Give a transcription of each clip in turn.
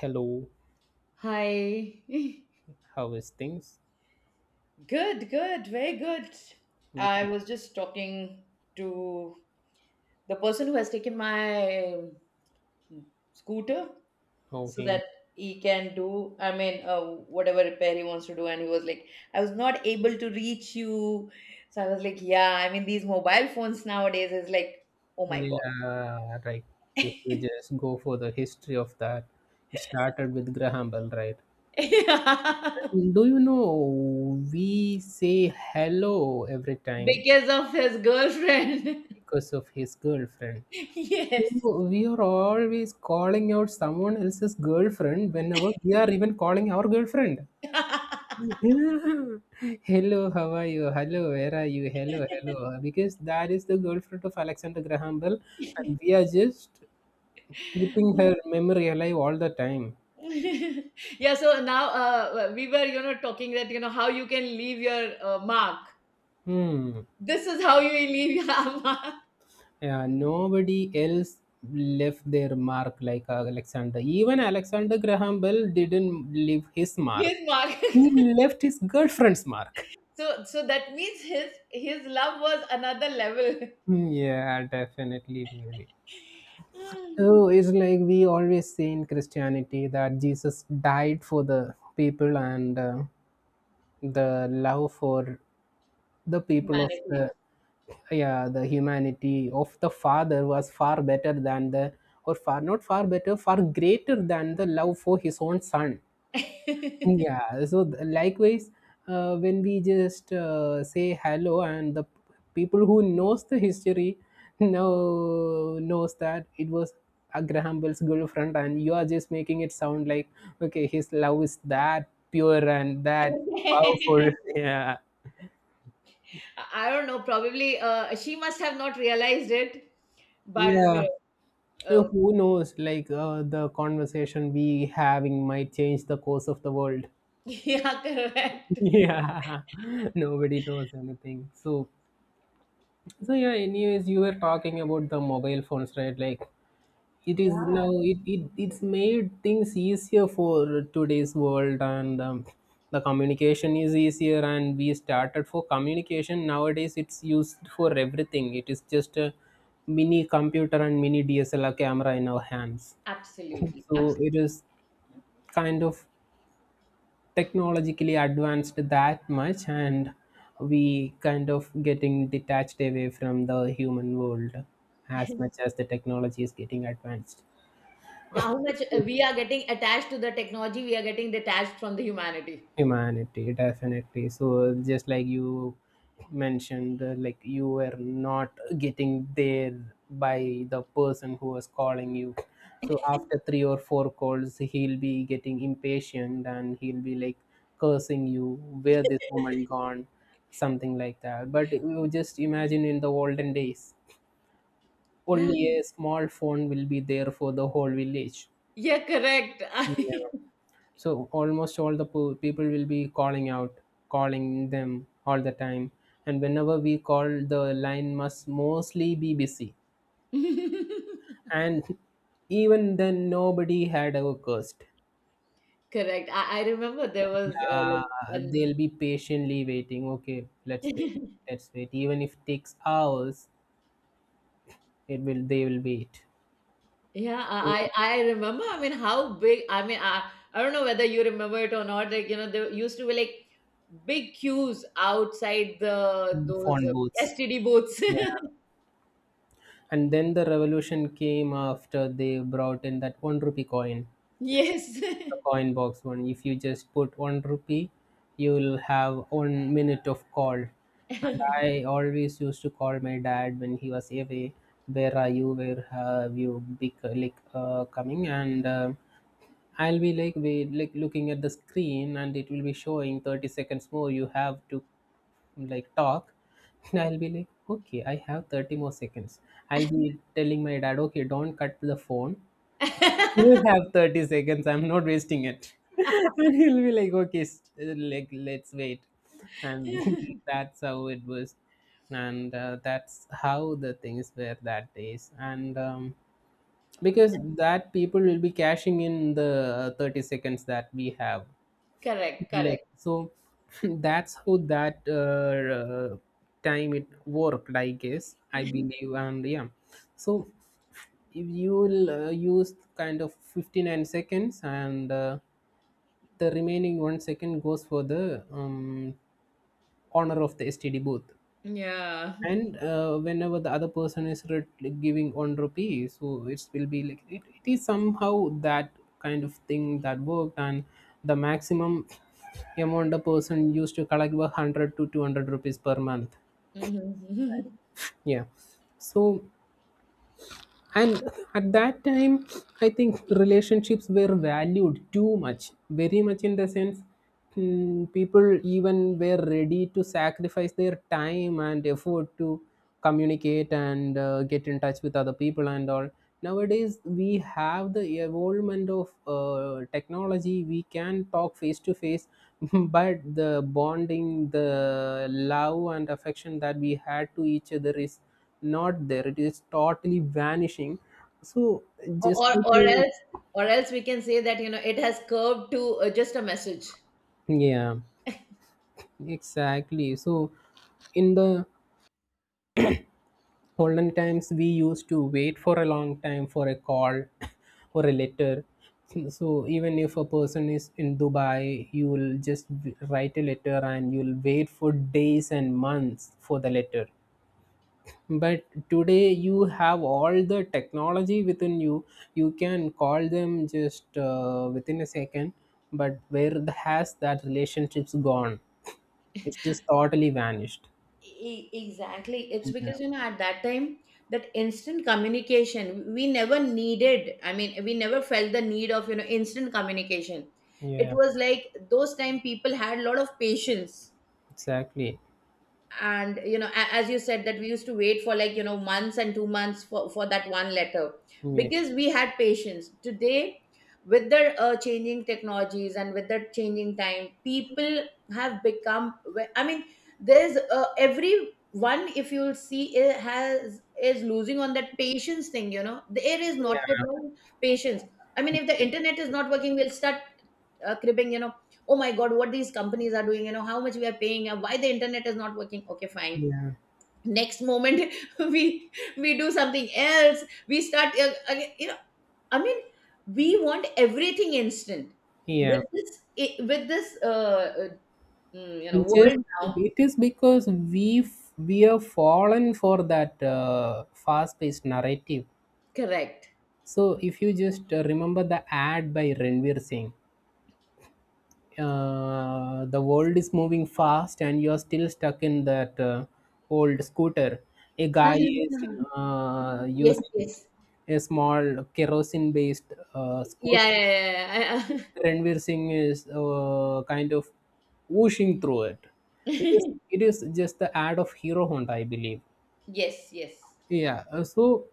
Hello, Hi. how is things? Good, good, very good. I Okay. was just talking to the person who has taken my scooter so Okay. that he can do, whatever repair he wants to do. And he was like, I was not able to reach you. So I was like, yeah, I mean, these mobile phones nowadays is like, oh my God. Yeah, right. If you just go for the history of that, it started with Graham Bell, right? Yeah. And do you know we say hello every time Because of his girlfriend. because of his girlfriend? Yes. So we are always calling out someone else's girlfriend whenever we are even calling our girlfriend. Hello, how are you? Hello, where are you? Hello, hello. Because that is the girlfriend of Alexander Graham Bell, and we are just keeping her memory alive all the time. Yeah, so now we were talking that how you can leave your mark. Hmm. This is how you leave your mark. Yeah, nobody else left their mark like Alexander. Even Alexander Graham Bell didn't leave his mark. His mark. He left his girlfriend's mark. So that means his love was another level. Hmm. Yeah, definitely, maybe. Hmm. Oh, it's like we always say in Christianity that Jesus died for the people, and the love for the people of the, Humanity. yeah, the humanity of the father was far better than the, or far, not far better, far greater than the love for his own son. Yeah, so likewise, when we just say hello, and the people who knows the history knows that it was Abraham Bell's girlfriend, and you are just making it sound like okay, his love is that pure and that powerful. Yeah, I don't know, probably she must have not realized it, but yeah. So uh, who knows? Like the conversation we having might change the course of the world. yeah, correct. Yeah, nobody knows anything. So yeah, anyways, you were talking about the mobile phones, right? Like it is Yeah. now, it's made things easier for today's world, and the communication is easier, and we started for communication. Nowadays it's used for everything. It is just a mini computer and mini DSLR camera in our hands. Absolutely, So it absolutely. is kind of technologically advanced that much, and we kind of getting detached away from the human world as much as the technology is getting advanced. How much we are getting attached to the technology, we are getting detached from the humanity. Humanity, definitely. So just like you mentioned, like you were not getting there by the person who was calling you. So after three or four calls, he'll be getting impatient, and he'll be like cursing you, where this woman gone, something like that. But you just imagine, in the olden days, Yeah, only a small phone will be there for the whole village. yeah, correct. Yeah. So almost all the people will be calling out, calling them all the time. And whenever we call, the line must mostly be busy. And even then, nobody had ever cursed. Correct. I remember there was Yeah, like an. they'll be patiently waiting. Okay, let's wait. Let's wait. Even if it takes hours, it will. They will wait. Yeah, I remember. How big, I don't know whether you remember it or not, like there used to be like big queues outside the Mm. those Phone booths. STD booths. Yeah. And then the revolution came after they brought in that 1 rupee coin. Yes. The coin box one. If you just put 1 rupee, you'll have 1 minute of call. And I always used to call my dad when he was away. Where are you? Where have you be like coming? And I'll be like we like looking at the screen, and it will be showing 30 seconds more. You have to like talk. And I'll be like, okay, I have 30 more seconds. I'll be telling my dad, okay, don't cut the phone, you have 30 seconds, I'm not wasting it. And he'll be like okay, like let's wait. And that's how it was. And that's how the things were that days. And because that people will be cashing in the 30 seconds that we have Correct, left. correct. So that's how that uh, time it worked, I guess. I believe, and yeah. So if you will use kind of 59 seconds, and the remaining 1 second goes for the honor of the STD booth. Yeah. And whenever the other person is like giving 1 rupee, so it will be like it is somehow that kind of thing that worked. And the maximum amount a person used to collect were 100 to 200 rupees per month. Mhm. Yeah. So, and at that time, I think relationships were valued too much, very much in the sense, people even were ready to sacrifice their time and effort to communicate and get in touch with other people and all. Nowadays we have the evolvement of technology. We can talk face to face. But the bonding, the love and affection that we had to each other is not there. It is totally vanishing. So, or just or like or you, else, or else we can say that it has curved to just a message. yeah, exactly. So in the olden times, we used to wait for a long time for a call. Or a letter. So even if a person is in Dubai, you will just write a letter, and you'll wait for days and months for the letter. But today you have all the technology within you. You can call them just within a second. But where has that relationship's gone? It's just totally vanished. Exactly, it's Yeah. because at that time that instant communication we never needed. I mean, we never felt the need of instant communication. It Yeah, was like those time people had a lot of patience. exactly. And as you said that we used to wait for like months and 2 months for that one letter, Yeah, because we had patience. Today, with the changing technologies and with the changing time, people have become I mean, there's every one if you'll see, it has is losing on that patience thing, you know. There is not at all patience. I mean, if the yeah, internet is not working, we'll start cribbing, you know, oh my God, what these companies are doing, you know, how much we are paying, why the internet is not working. Okay, fine. yeah, Next moment, we we do something else. We start, again, you know, I mean, we want everything instant. yeah. With this, with this, you know, It's just, world now, it is because we are fallen for that fast paced narrative. correct. So if you just remember the ad by Ranveer Singh, the world is moving fast, and you're still stuck in that old scooter. A guy is Yes, yes, using a small kerosene based yeah, scooter. yeah, yeah. Ranveer Singh is kind of whooshing through it. It Yeah. is it is just the ad of Hero Honda, I believe. Yes, yes. Yeah, so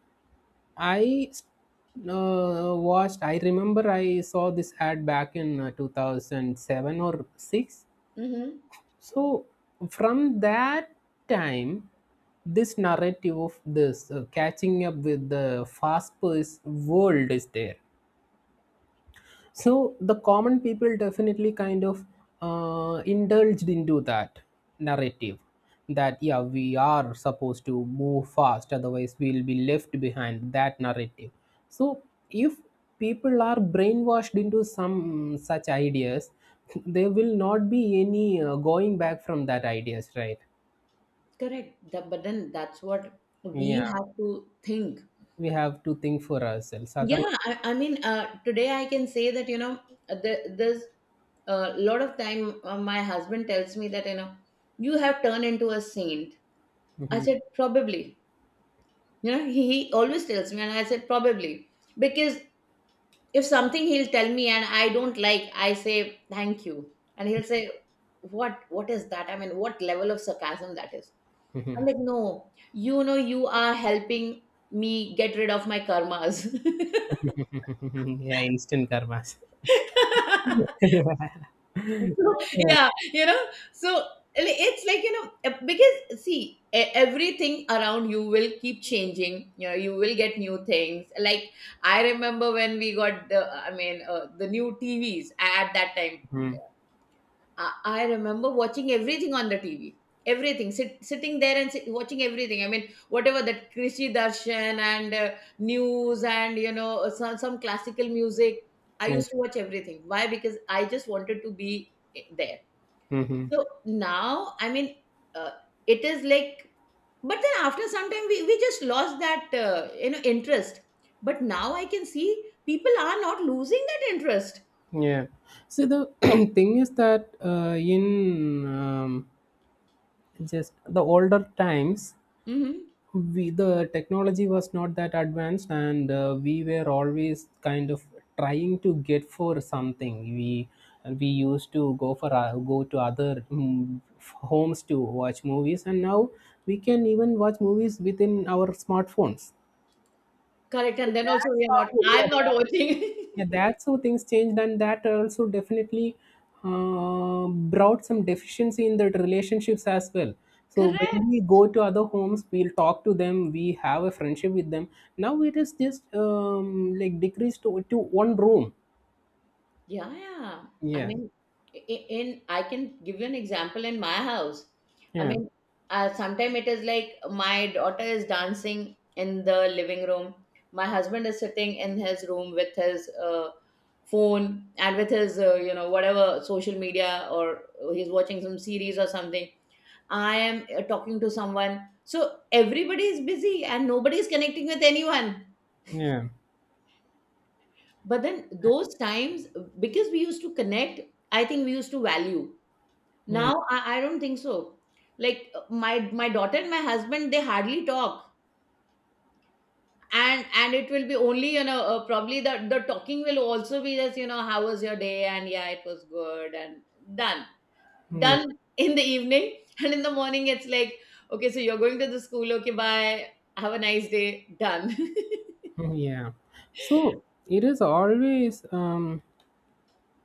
I watched. I remember I saw this ad back in 2007 or six. Mm-hmm. So, from that time, this narrative of this catching up with the fast paced world is there. So the common people definitely kind of indulged into that narrative, that yeah, we are supposed to move fast, otherwise we'll be left behind, that narrative. So if people are brainwashed into some such ideas, there will not be any going back from that ideas, right? Correct. The, but then that's what Yeah, we have to think. we have to think for ourselves, Yeah, otherwise. I mean, today I can say that, you know, the, there's a lot of time my husband tells me that, you know, you have turned into a saint. I said, probably. You know, he always tells me, and I said, probably. Because if something he'll tell me and I don't like, I say, thank you. And he'll say, what is that? I mean, what level of sarcasm that is? I'm Mhm. like, no, you know, you are helping me get rid of my karmas. Yeah, instant karmas. Yeah. So, yeah, you know, so it's like, you know, because see, everything around you will keep changing. You know, you will get new things. Like, I remember when we got the, I mean, the new TVs at that time. Mhm. I remember watching everything on the TV. Everything, sit, sitting there and sit, watching everything. I mean, whatever that Krishi Darshan and news and, you know, some classical music. I used to watch everything. Why? Because I just wanted to be there. Hmm. So now, I mean, uh, it is like, but then after some time, we just lost that, you know, interest. But now I can see people are not losing that interest. Yeah. So the thing is that in um, just the older times, Hmm. we the technology was not that advanced, and we were always kind of trying to get for something. We used to go to other homes to watch movies, and now we can even watch movies within our smartphones. Correct. And then also That's we are not, how. I'm not Yeah. watching. Yeah, that's how things changed, and that also definitely brought some deficiency in the relationships as well. So Correct. when we go to other homes, we'll talk to them. We have a friendship with them. Now it is just like decreased to one room. Yeah, yeah. I Yeah, mean, in I can give you an example in my house. I yeah, mean, sometimes it is like my daughter is dancing in the living room. My husband is sitting in his room with his phone and with his, you know, whatever social media, or he's watching some series or something. I am talking to someone. So everybody is busy and nobody is connecting with anyone. yeah, But then those times, because we used to connect, I think we used to value. yeah, Now I don't think so. Like my daughter and my husband, they hardly talk. And it will be only, you know, probably the talking will also be just, you know, how was your day? And yeah, it was good and done. yeah. Done in the evening. And in the morning it's like, okay, so you're going to the school, okay, bye. Have a nice day. Done. Yeah. So it is always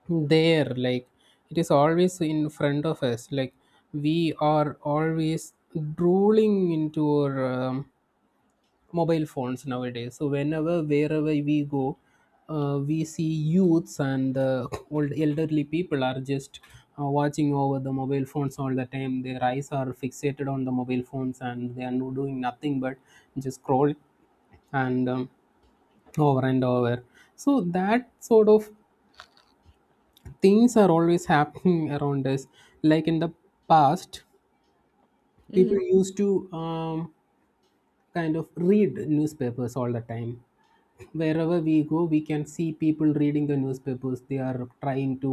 there, like, it is always in front of us, like, we are always drooling into our mobile phones nowadays, so whenever wherever we go, we see youths and old elderly people are just watching over the mobile phones all the time. Their eyes are fixated on the mobile phones, and they are doing nothing but just scroll, and over and over. So that sort of things are always happening around us. Like in the past, people Mhm. used to kind of read newspapers all the time. Wherever we go, we can see people reading the newspapers. They are trying to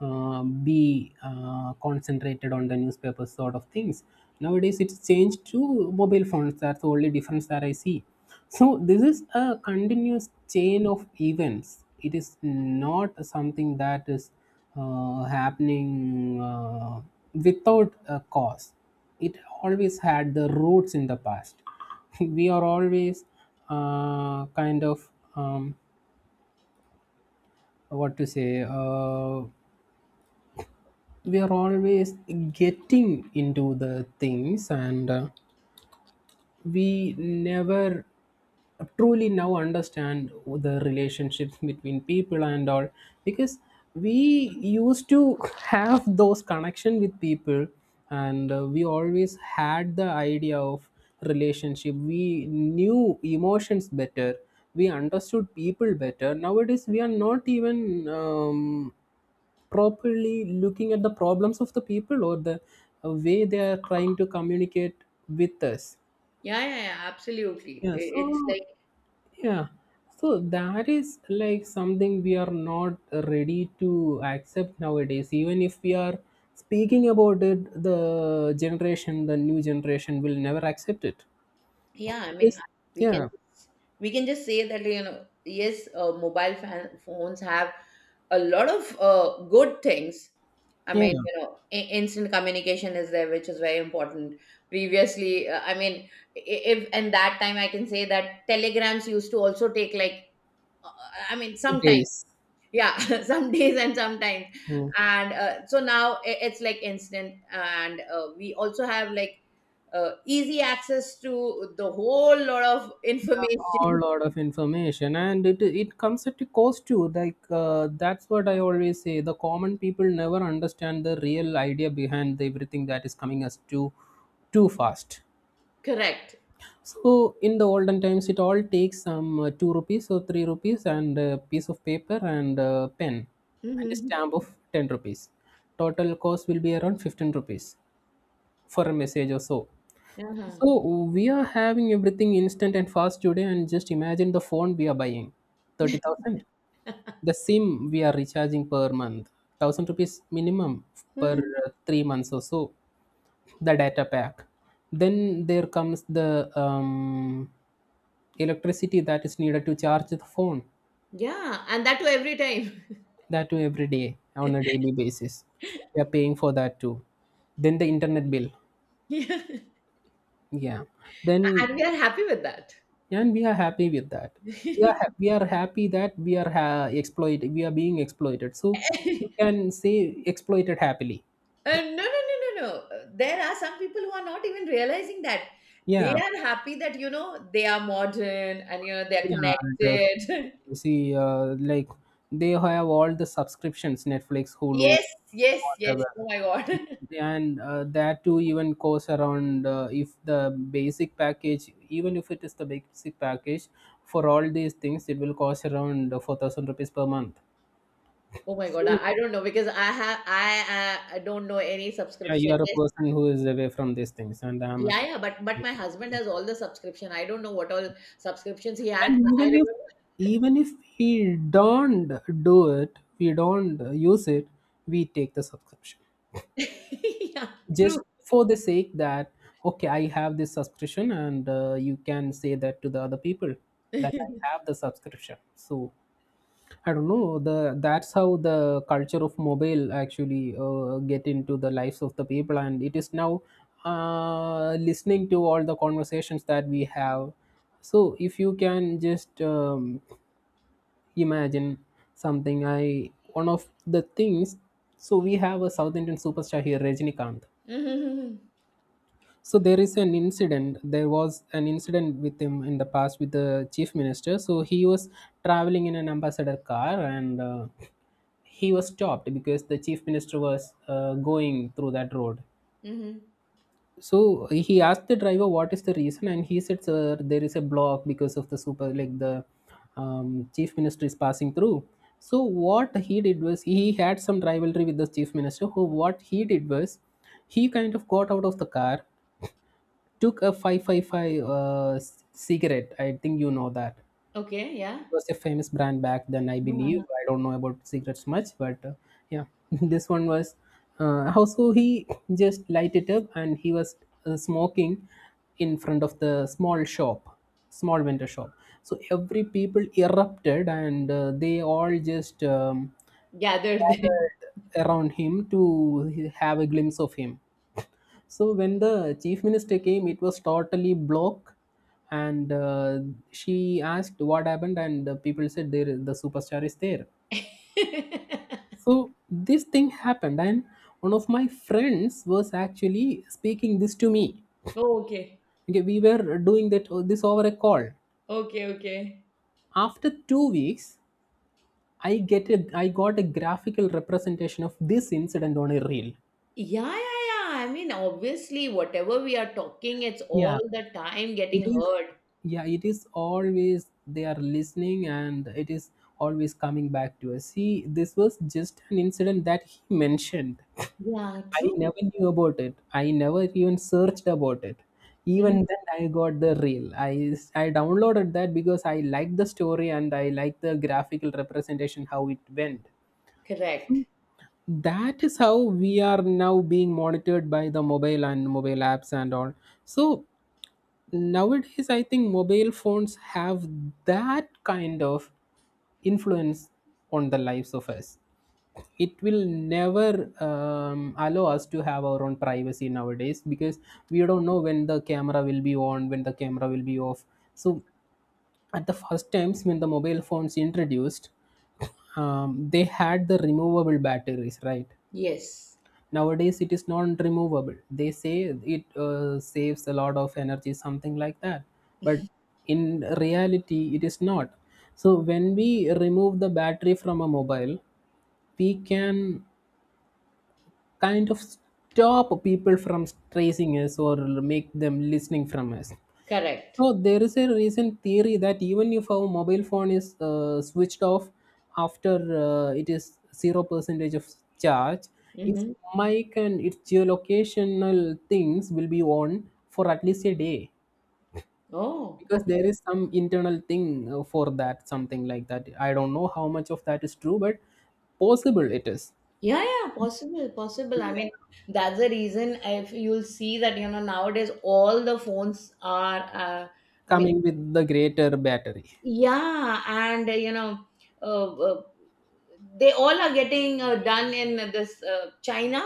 be concentrated on the newspapers, sort of things. Nowadays it's changed to mobile phones. That's the only difference that I see. So this is a continuous chain of events. It is not something that is happening without a cause. It always had the roots in the past. We are always kind of um, what to say, we are always getting into the things, and we never truly now understand the relationships between people and all, because we used to have those connection with people. And we always had the idea of relationship. We knew emotions better. We understood people better. Nowadays we are not even properly looking at the problems of the people, or the way they are trying to communicate with us. Yeah, yeah, yeah, absolutely. Yeah, so, It's like. yeah, so that is like something we are not ready to accept nowadays. Even if we are speaking about it, the generation, the new generation will never accept it, Yeah, I mean, because we can yeah, we can just say that, you know, yes, mobile fan, phones have a lot of good things. I yeah. mean, you know, instant communication is there, which is very important. Previously, I mean, i- if and that time I can say that telegrams used to also take like, uh, I mean, sometimes, Days. yeah, some days and sometimes, Mm. and so now it's like instant, and we also have like easy access to the whole lot of A information. lot of information, and it comes at a cost too. Like that's what I always say. The common people never understand the real idea behind the everything that is coming us too fast. Correct. So in the olden times, it all takes some 2 rupees or 3 rupees, and a piece of paper and a pen and a Mhm. stamp of 10 rupees. Total cost will be around 15 rupees for a message or so. Uh-huh. So we are having everything instant and fast today, and just imagine the phone we are buying, 30,000. The SIM we are recharging per month, 1,000 rupees minimum per Uh, 3 months or so. The data pack. Then there comes the electricity that is needed to charge the phone, Yeah, and that too every time. that too every day on a daily basis. We are paying for that too. Then the internet bill, Yeah. yeah. Then, And we are happy with that. and we are happy with that. We we are happy that we are exploited. We are being exploited, so you can say exploited happily. No, no, no, no, no. There are some people who are not even realizing that. They Yeah, are happy that, you know, they are modern and, you know, they're yeah, connected. def- see, like, they have all the subscriptions, Netflix, Hulu, Yes, yes, yes. whatever, Oh my God. and that too even costs around if the basic package, even if it is the basic package for all these things, it will cost around 4,000 rupees per month. Oh my God. So I don't know because I have, I don't know any yeah, you subscription. are a Yes, person who is away from these things, and I'm a, yeah, yeah, but my husband has all the subscription. I don't know what all subscriptions he had. And even I if even if we don't do it, we don't use it, we take the subscription remember. Yeah, true. just for the sake that, okay, I have this subscription, and you can say that to the other people that I have the subscription. So I don't know the that's how the culture of mobile actually get into the lives of the people, and it is now listening to all the conversations that we have. So if you can just imagine something, I one of the things. So we have a South Indian superstar here, Rajinikanth. Mm-hmm. So there was an incident with him in the past with the chief minister. So he was traveling in an Ambassador car, and he was stopped because the chief minister was going through that road. Mm-hmm. So he asked the driver what is the reason, and he said, sir, there is a block because of the super, like the chief minister is passing through. So what he did was, he had some rivalry with the chief minister. Who What he did was, he kind of got out of the car, took a 555 cigarette. I think you know that. Okay, It yeah. was a famous brand back then, I Uh-huh. believe. I don't know about cigarettes much, but yeah, this one was. Also, he just light it up, and he was smoking in front of the small shop, small vendor shop. So every people erupted, and they all just Gathered there. gathered around him to have a glimpse of him. So when the chief minister came, it was totally blocked, and she asked what happened, and the people said, the superstar is there. So this thing happened, and one of my friends was actually speaking this to me. Oh, okay. Okay, we were doing that this over a call. Okay, okay. After 2 weeks, I got a graphical representation of this incident on a reel. Yeah, yeah, yeah. I mean, obviously, whatever we are talking, it's all Yeah. the time it getting is heard. Yeah, it is always, they are listening, and it is always coming back to us. See, this was just an incident that he mentioned. Yeah, I true. never knew about it, I never even searched about it. Mm, Even then I got the reel. I downloaded that because I liked the story and I liked the graphical representation how it went. So correct. that is how we are now being monitored by the mobile and mobile apps and all. So nowadays I think mobile phones have that kind of influence on the lives of us. It will never allow us to have our own privacy nowadays because we don't know when the camera will be on, when the camera will be off. So at the first times when the mobile phones introduced, they had the removable batteries, right? Yes, Nowadays, it is non-removable. They say it saves a lot of energy, something like that. But in reality, it is not. So when we remove the battery from a mobile, we can kind of stop people from tracing us or make them listening from us. correct. So there is a recent theory that even if our mobile phone is switched off, after it is zero percentage of charge, its Mm-hmm. mic and its geolocational things will be on for at least a day Oh, because okay. there is some internal thing for that, something like that. I don't know how much of that is true, but possible it is. Yeah, yeah, possible, possible. I Yeah. mean, that's the reason if you'll see that, you know, nowadays all the phones are, I mean, Coming with the greater battery. yeah, and, you know, uh, uh, they all are getting done in this China.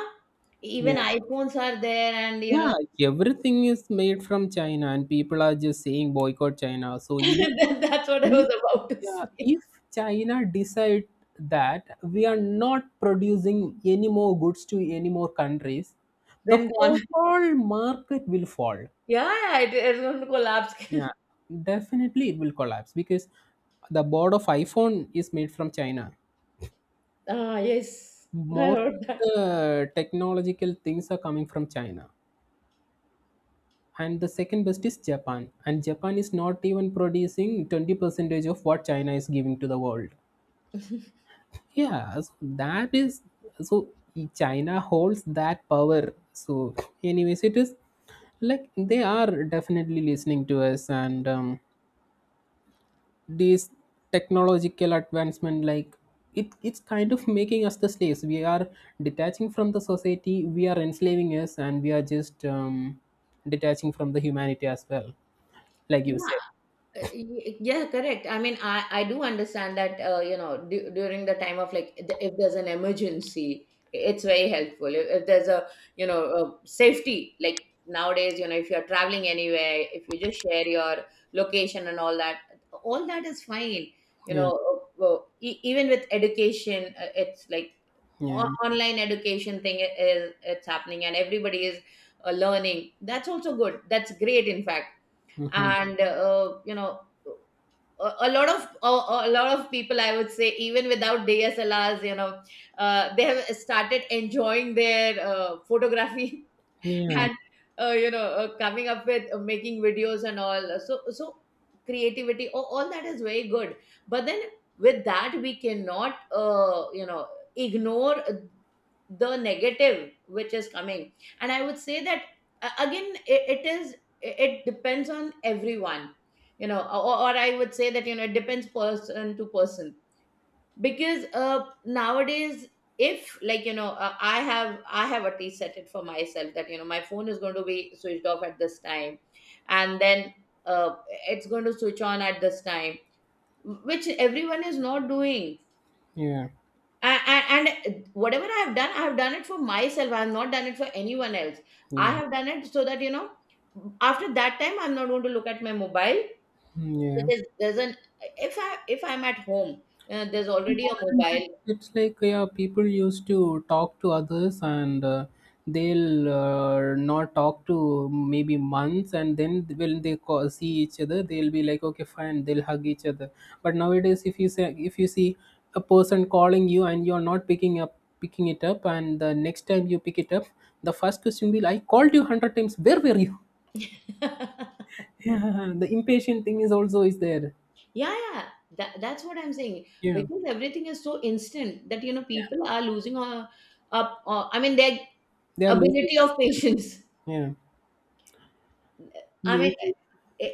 Even Yeah. iPhones are there, and, you know, Yeah, everything is made from China, and people are just saying boycott China. So, if that- that's what I if was about to yeah, say. if China decide that we are not producing any more goods to any more countries, the Then gone. whole market will fall. Yeah, yeah, it, it's going to collapse. Yeah, definitely it will collapse because the board of iPhone is made from China. Ah, yes, I Most heard of that. the technological things are coming from China. And the second best is Japan. And Japan is not even producing 20 percentage of what China is giving to the world. Yeah, so that is, so China holds that power. So, anyways, it is like, they are definitely listening to us, and these technological advancement, like, it's kind of making us the slaves. We are detaching from the society, we are enslaving us, and we are just detaching from the humanity as well, like you Yeah, said. Yeah, correct. I mean, I do understand that you know during the time of like the- if there's an emergency, it's very helpful. If there's a you know a safety like nowadays, you know if you're traveling anywhere, if you just share your location and all that is fine. You Yeah. know, well, even with education, it's like Yeah. online education thing is it's happening and everybody is learning. That's also good. That's great, in fact. Hmm. And you know a lot of people, I would say, even without DSLRs, you know, they have started enjoying their photography. Yeah. And you know coming up with making videos and all. So so creativity, all that is very good. But then with that we cannot you know ignore the negative which is coming. And I would say that again it, it is, it depends on everyone, you know. Or I would say that you know it depends person to person. Because nowadays, if like you know I have at least set it for myself that you know my phone is going to be switched off at this time, and then uh it's going to switch on at this time, which everyone is not doing. Yeah. And whatever I have done I have done it for myself, I have not done it for anyone else. I Yeah. have done it so that you know after that time I'm not going to look at my mobile. Mm, It yeah. is, there's an, if I if I'm at home, there's already a Modern time, mobile. it's like, yeah, people used to talk to others, and they'll not talk to maybe months, and then when they call, see each other, they'll be like, okay, fine, they'll hug each other. But nowadays, if you say, if you see a person calling you and you're not picking it up, and the next time you pick it up, the first question will, I called you 100 times, where were you? Yeah, the impatient thing is also is there. Yeah, yeah, that, that's what I'm saying. Yeah. Because everything is so instant that you know Yeah. people are losing up. I mean, their They are losing ability of themselves. patience. Yeah. I mean, Amazing.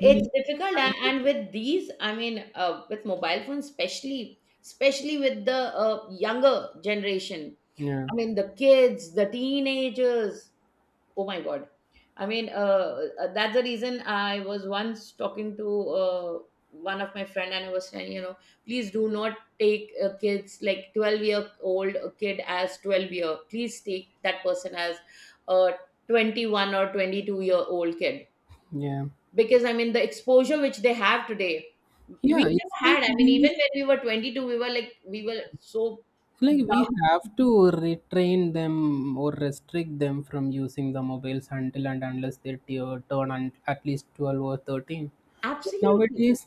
We it's difficult, kind of. and with these, I mean, with mobile phones, especially, especially with the younger generation. Yeah. I mean, the kids, the teenagers. Oh my God, I mean that's the reason I was once talking to one of my friend and I was saying, you know, please do not take kids like 12-year-old kid as 12 year, please take that person as a 21 or 22-year-old kid. Yeah. Because I mean the exposure which they have today we Yeah, it's never like had. I mean even when we were 22 we were like we were so we dumb. have to retrain them or restrict them from using the mobiles until and unless they turn, at least 12 or 13. But Absolutely. nowadays,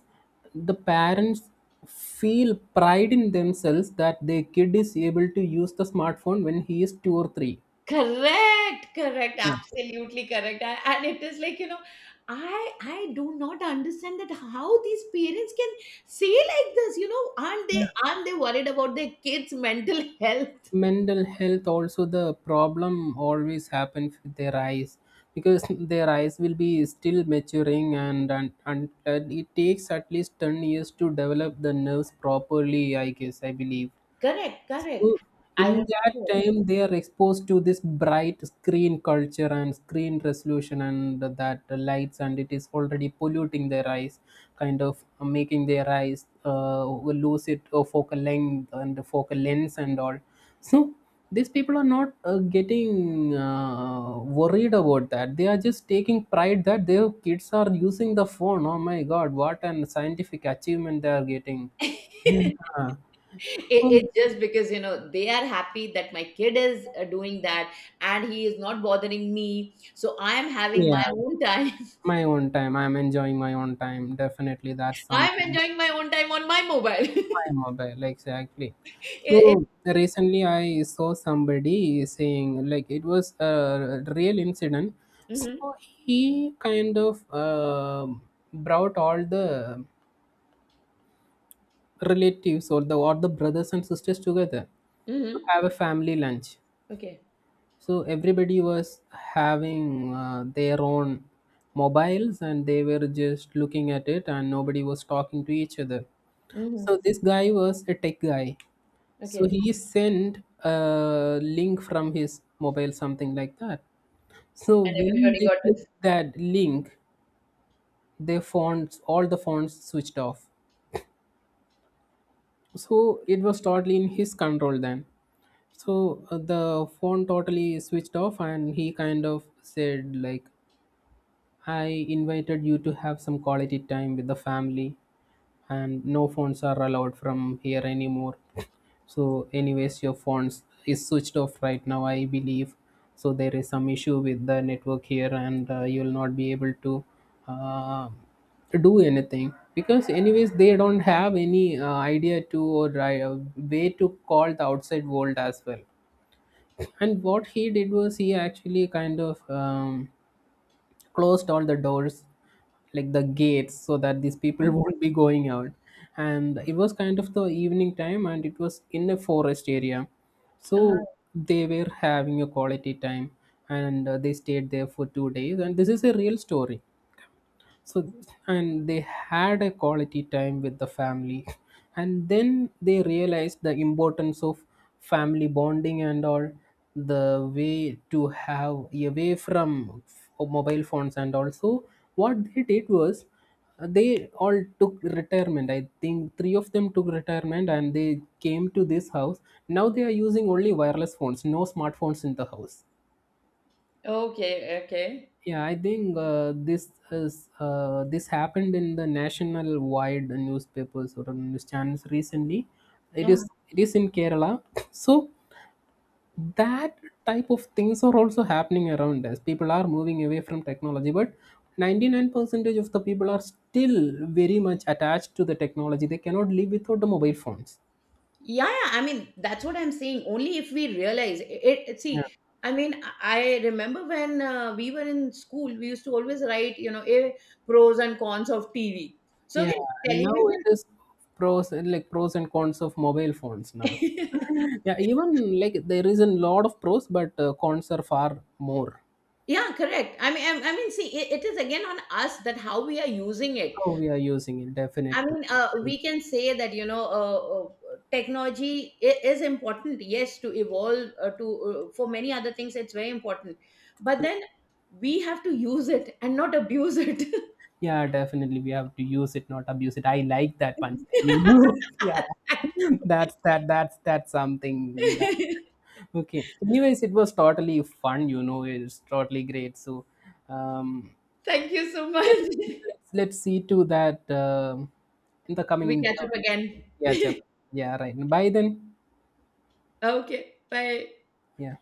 the parents feel pride in themselves that their kid is able to use the smartphone when he is 2 or 3. Correct, correct, absolutely correct. And it is like, you know, I do not understand that how these parents can say like this, you know, Yeah. aren't they worried about their kids' mental health? Mental health, also the problem always happens with their eyes because their eyes will be still maturing, and it takes at least 10 years to develop the nerves properly, I guess, I believe. Correct, So correct. I in remember that all it. time, they are exposed to this bright screen culture and screen resolution and that lights, and it is already polluting their eyes, kind of making their eyes lose it focal length and focal lens and all. So these people are not getting worried about that. They are just taking pride that their kids are using the phone. Oh my God, what an scientific achievement they are getting. Yeah. It- Oh, It's just because, you know, they are happy that my kid is doing that and he is not bothering me. So I am having my yeah. own time. My own time. I'm enjoying my own time. Definitely, that's I'm something. enjoying my own time on my mobile. My mobile, exactly. It So recently, I saw somebody saying like, it was a real incident. Mhm. So he kind of brought all the relatives, or the brothers and sisters together to Mhm. have a family lunch. Okay. So everybody was having their own mobiles, and they were just looking at it, and nobody was talking to each other. So Mhm. this guy was a tech guy, so Okay. he sent a link from his mobile, something like that. So And when everybody they got this. clicked that link, their fonts all the fonts switched off. So it was totally in his control then. So the phone totally switched off, and he kind of said like, I invited you to have some quality time with the family, and no phones are allowed from here anymore. So, anyways, your phones is switched off right now, I believe. So there is some issue with the network here, and you'll not be able to uh, do anything because, anyways, they don't have any idea to, or way to call the outside world as well. And what he did was, he actually kind of, closed all the doors, like the gates, so that these people Uh-huh. won't be going out. And it was kind of the evening time, and it was in a forest area. Uh-huh. So they were having a quality time, and they stayed there for 2 days, and this is a real story. So, and they had a quality time with the family, and then they realized the importance of family bonding and all, the way to have, away from mobile phones. And also, what they did was, they all took retirement, I think three of them took retirement, and they came to this house. Now they are using only wireless phones, no smartphones in the house. Okay. Okay. Yeah, I think this happened in the national wide newspapers or news channels recently. It Uh-huh. is it is in Kerala. So that type of things are also happening around us. People are moving away from technology, but 99 percentage of the people are still very much attached to the technology. They cannot live without the mobile phones. Yeah, yeah. I mean, that's what I'm saying. Only if we realize it. See, I mean, I remember when we were in school, we used to always write, you know, pros and cons of TV. So Yeah, again, and now it television. is pros and cons of mobile phones now. Yeah, even like there is a lot of pros, but cons are far more. Yeah, correct. I mean, see, it is again on us that how we are using it. How we are using it, I definitely. mean, we can say that you know, technology is important. Yes, to evolve to for many other things, it's very important. But then we have to use it and not abuse it. Yeah, definitely we have to use it, not abuse it. I like that punchline. You know, yeah, that's something. That, okay. Anyways, it was totally fun. You know, it's totally great. So, um, Thank you so much. Let's see to that, in the coming, We catch up again. yeah. Yeah, right, by then. Okay, bye. Yeah.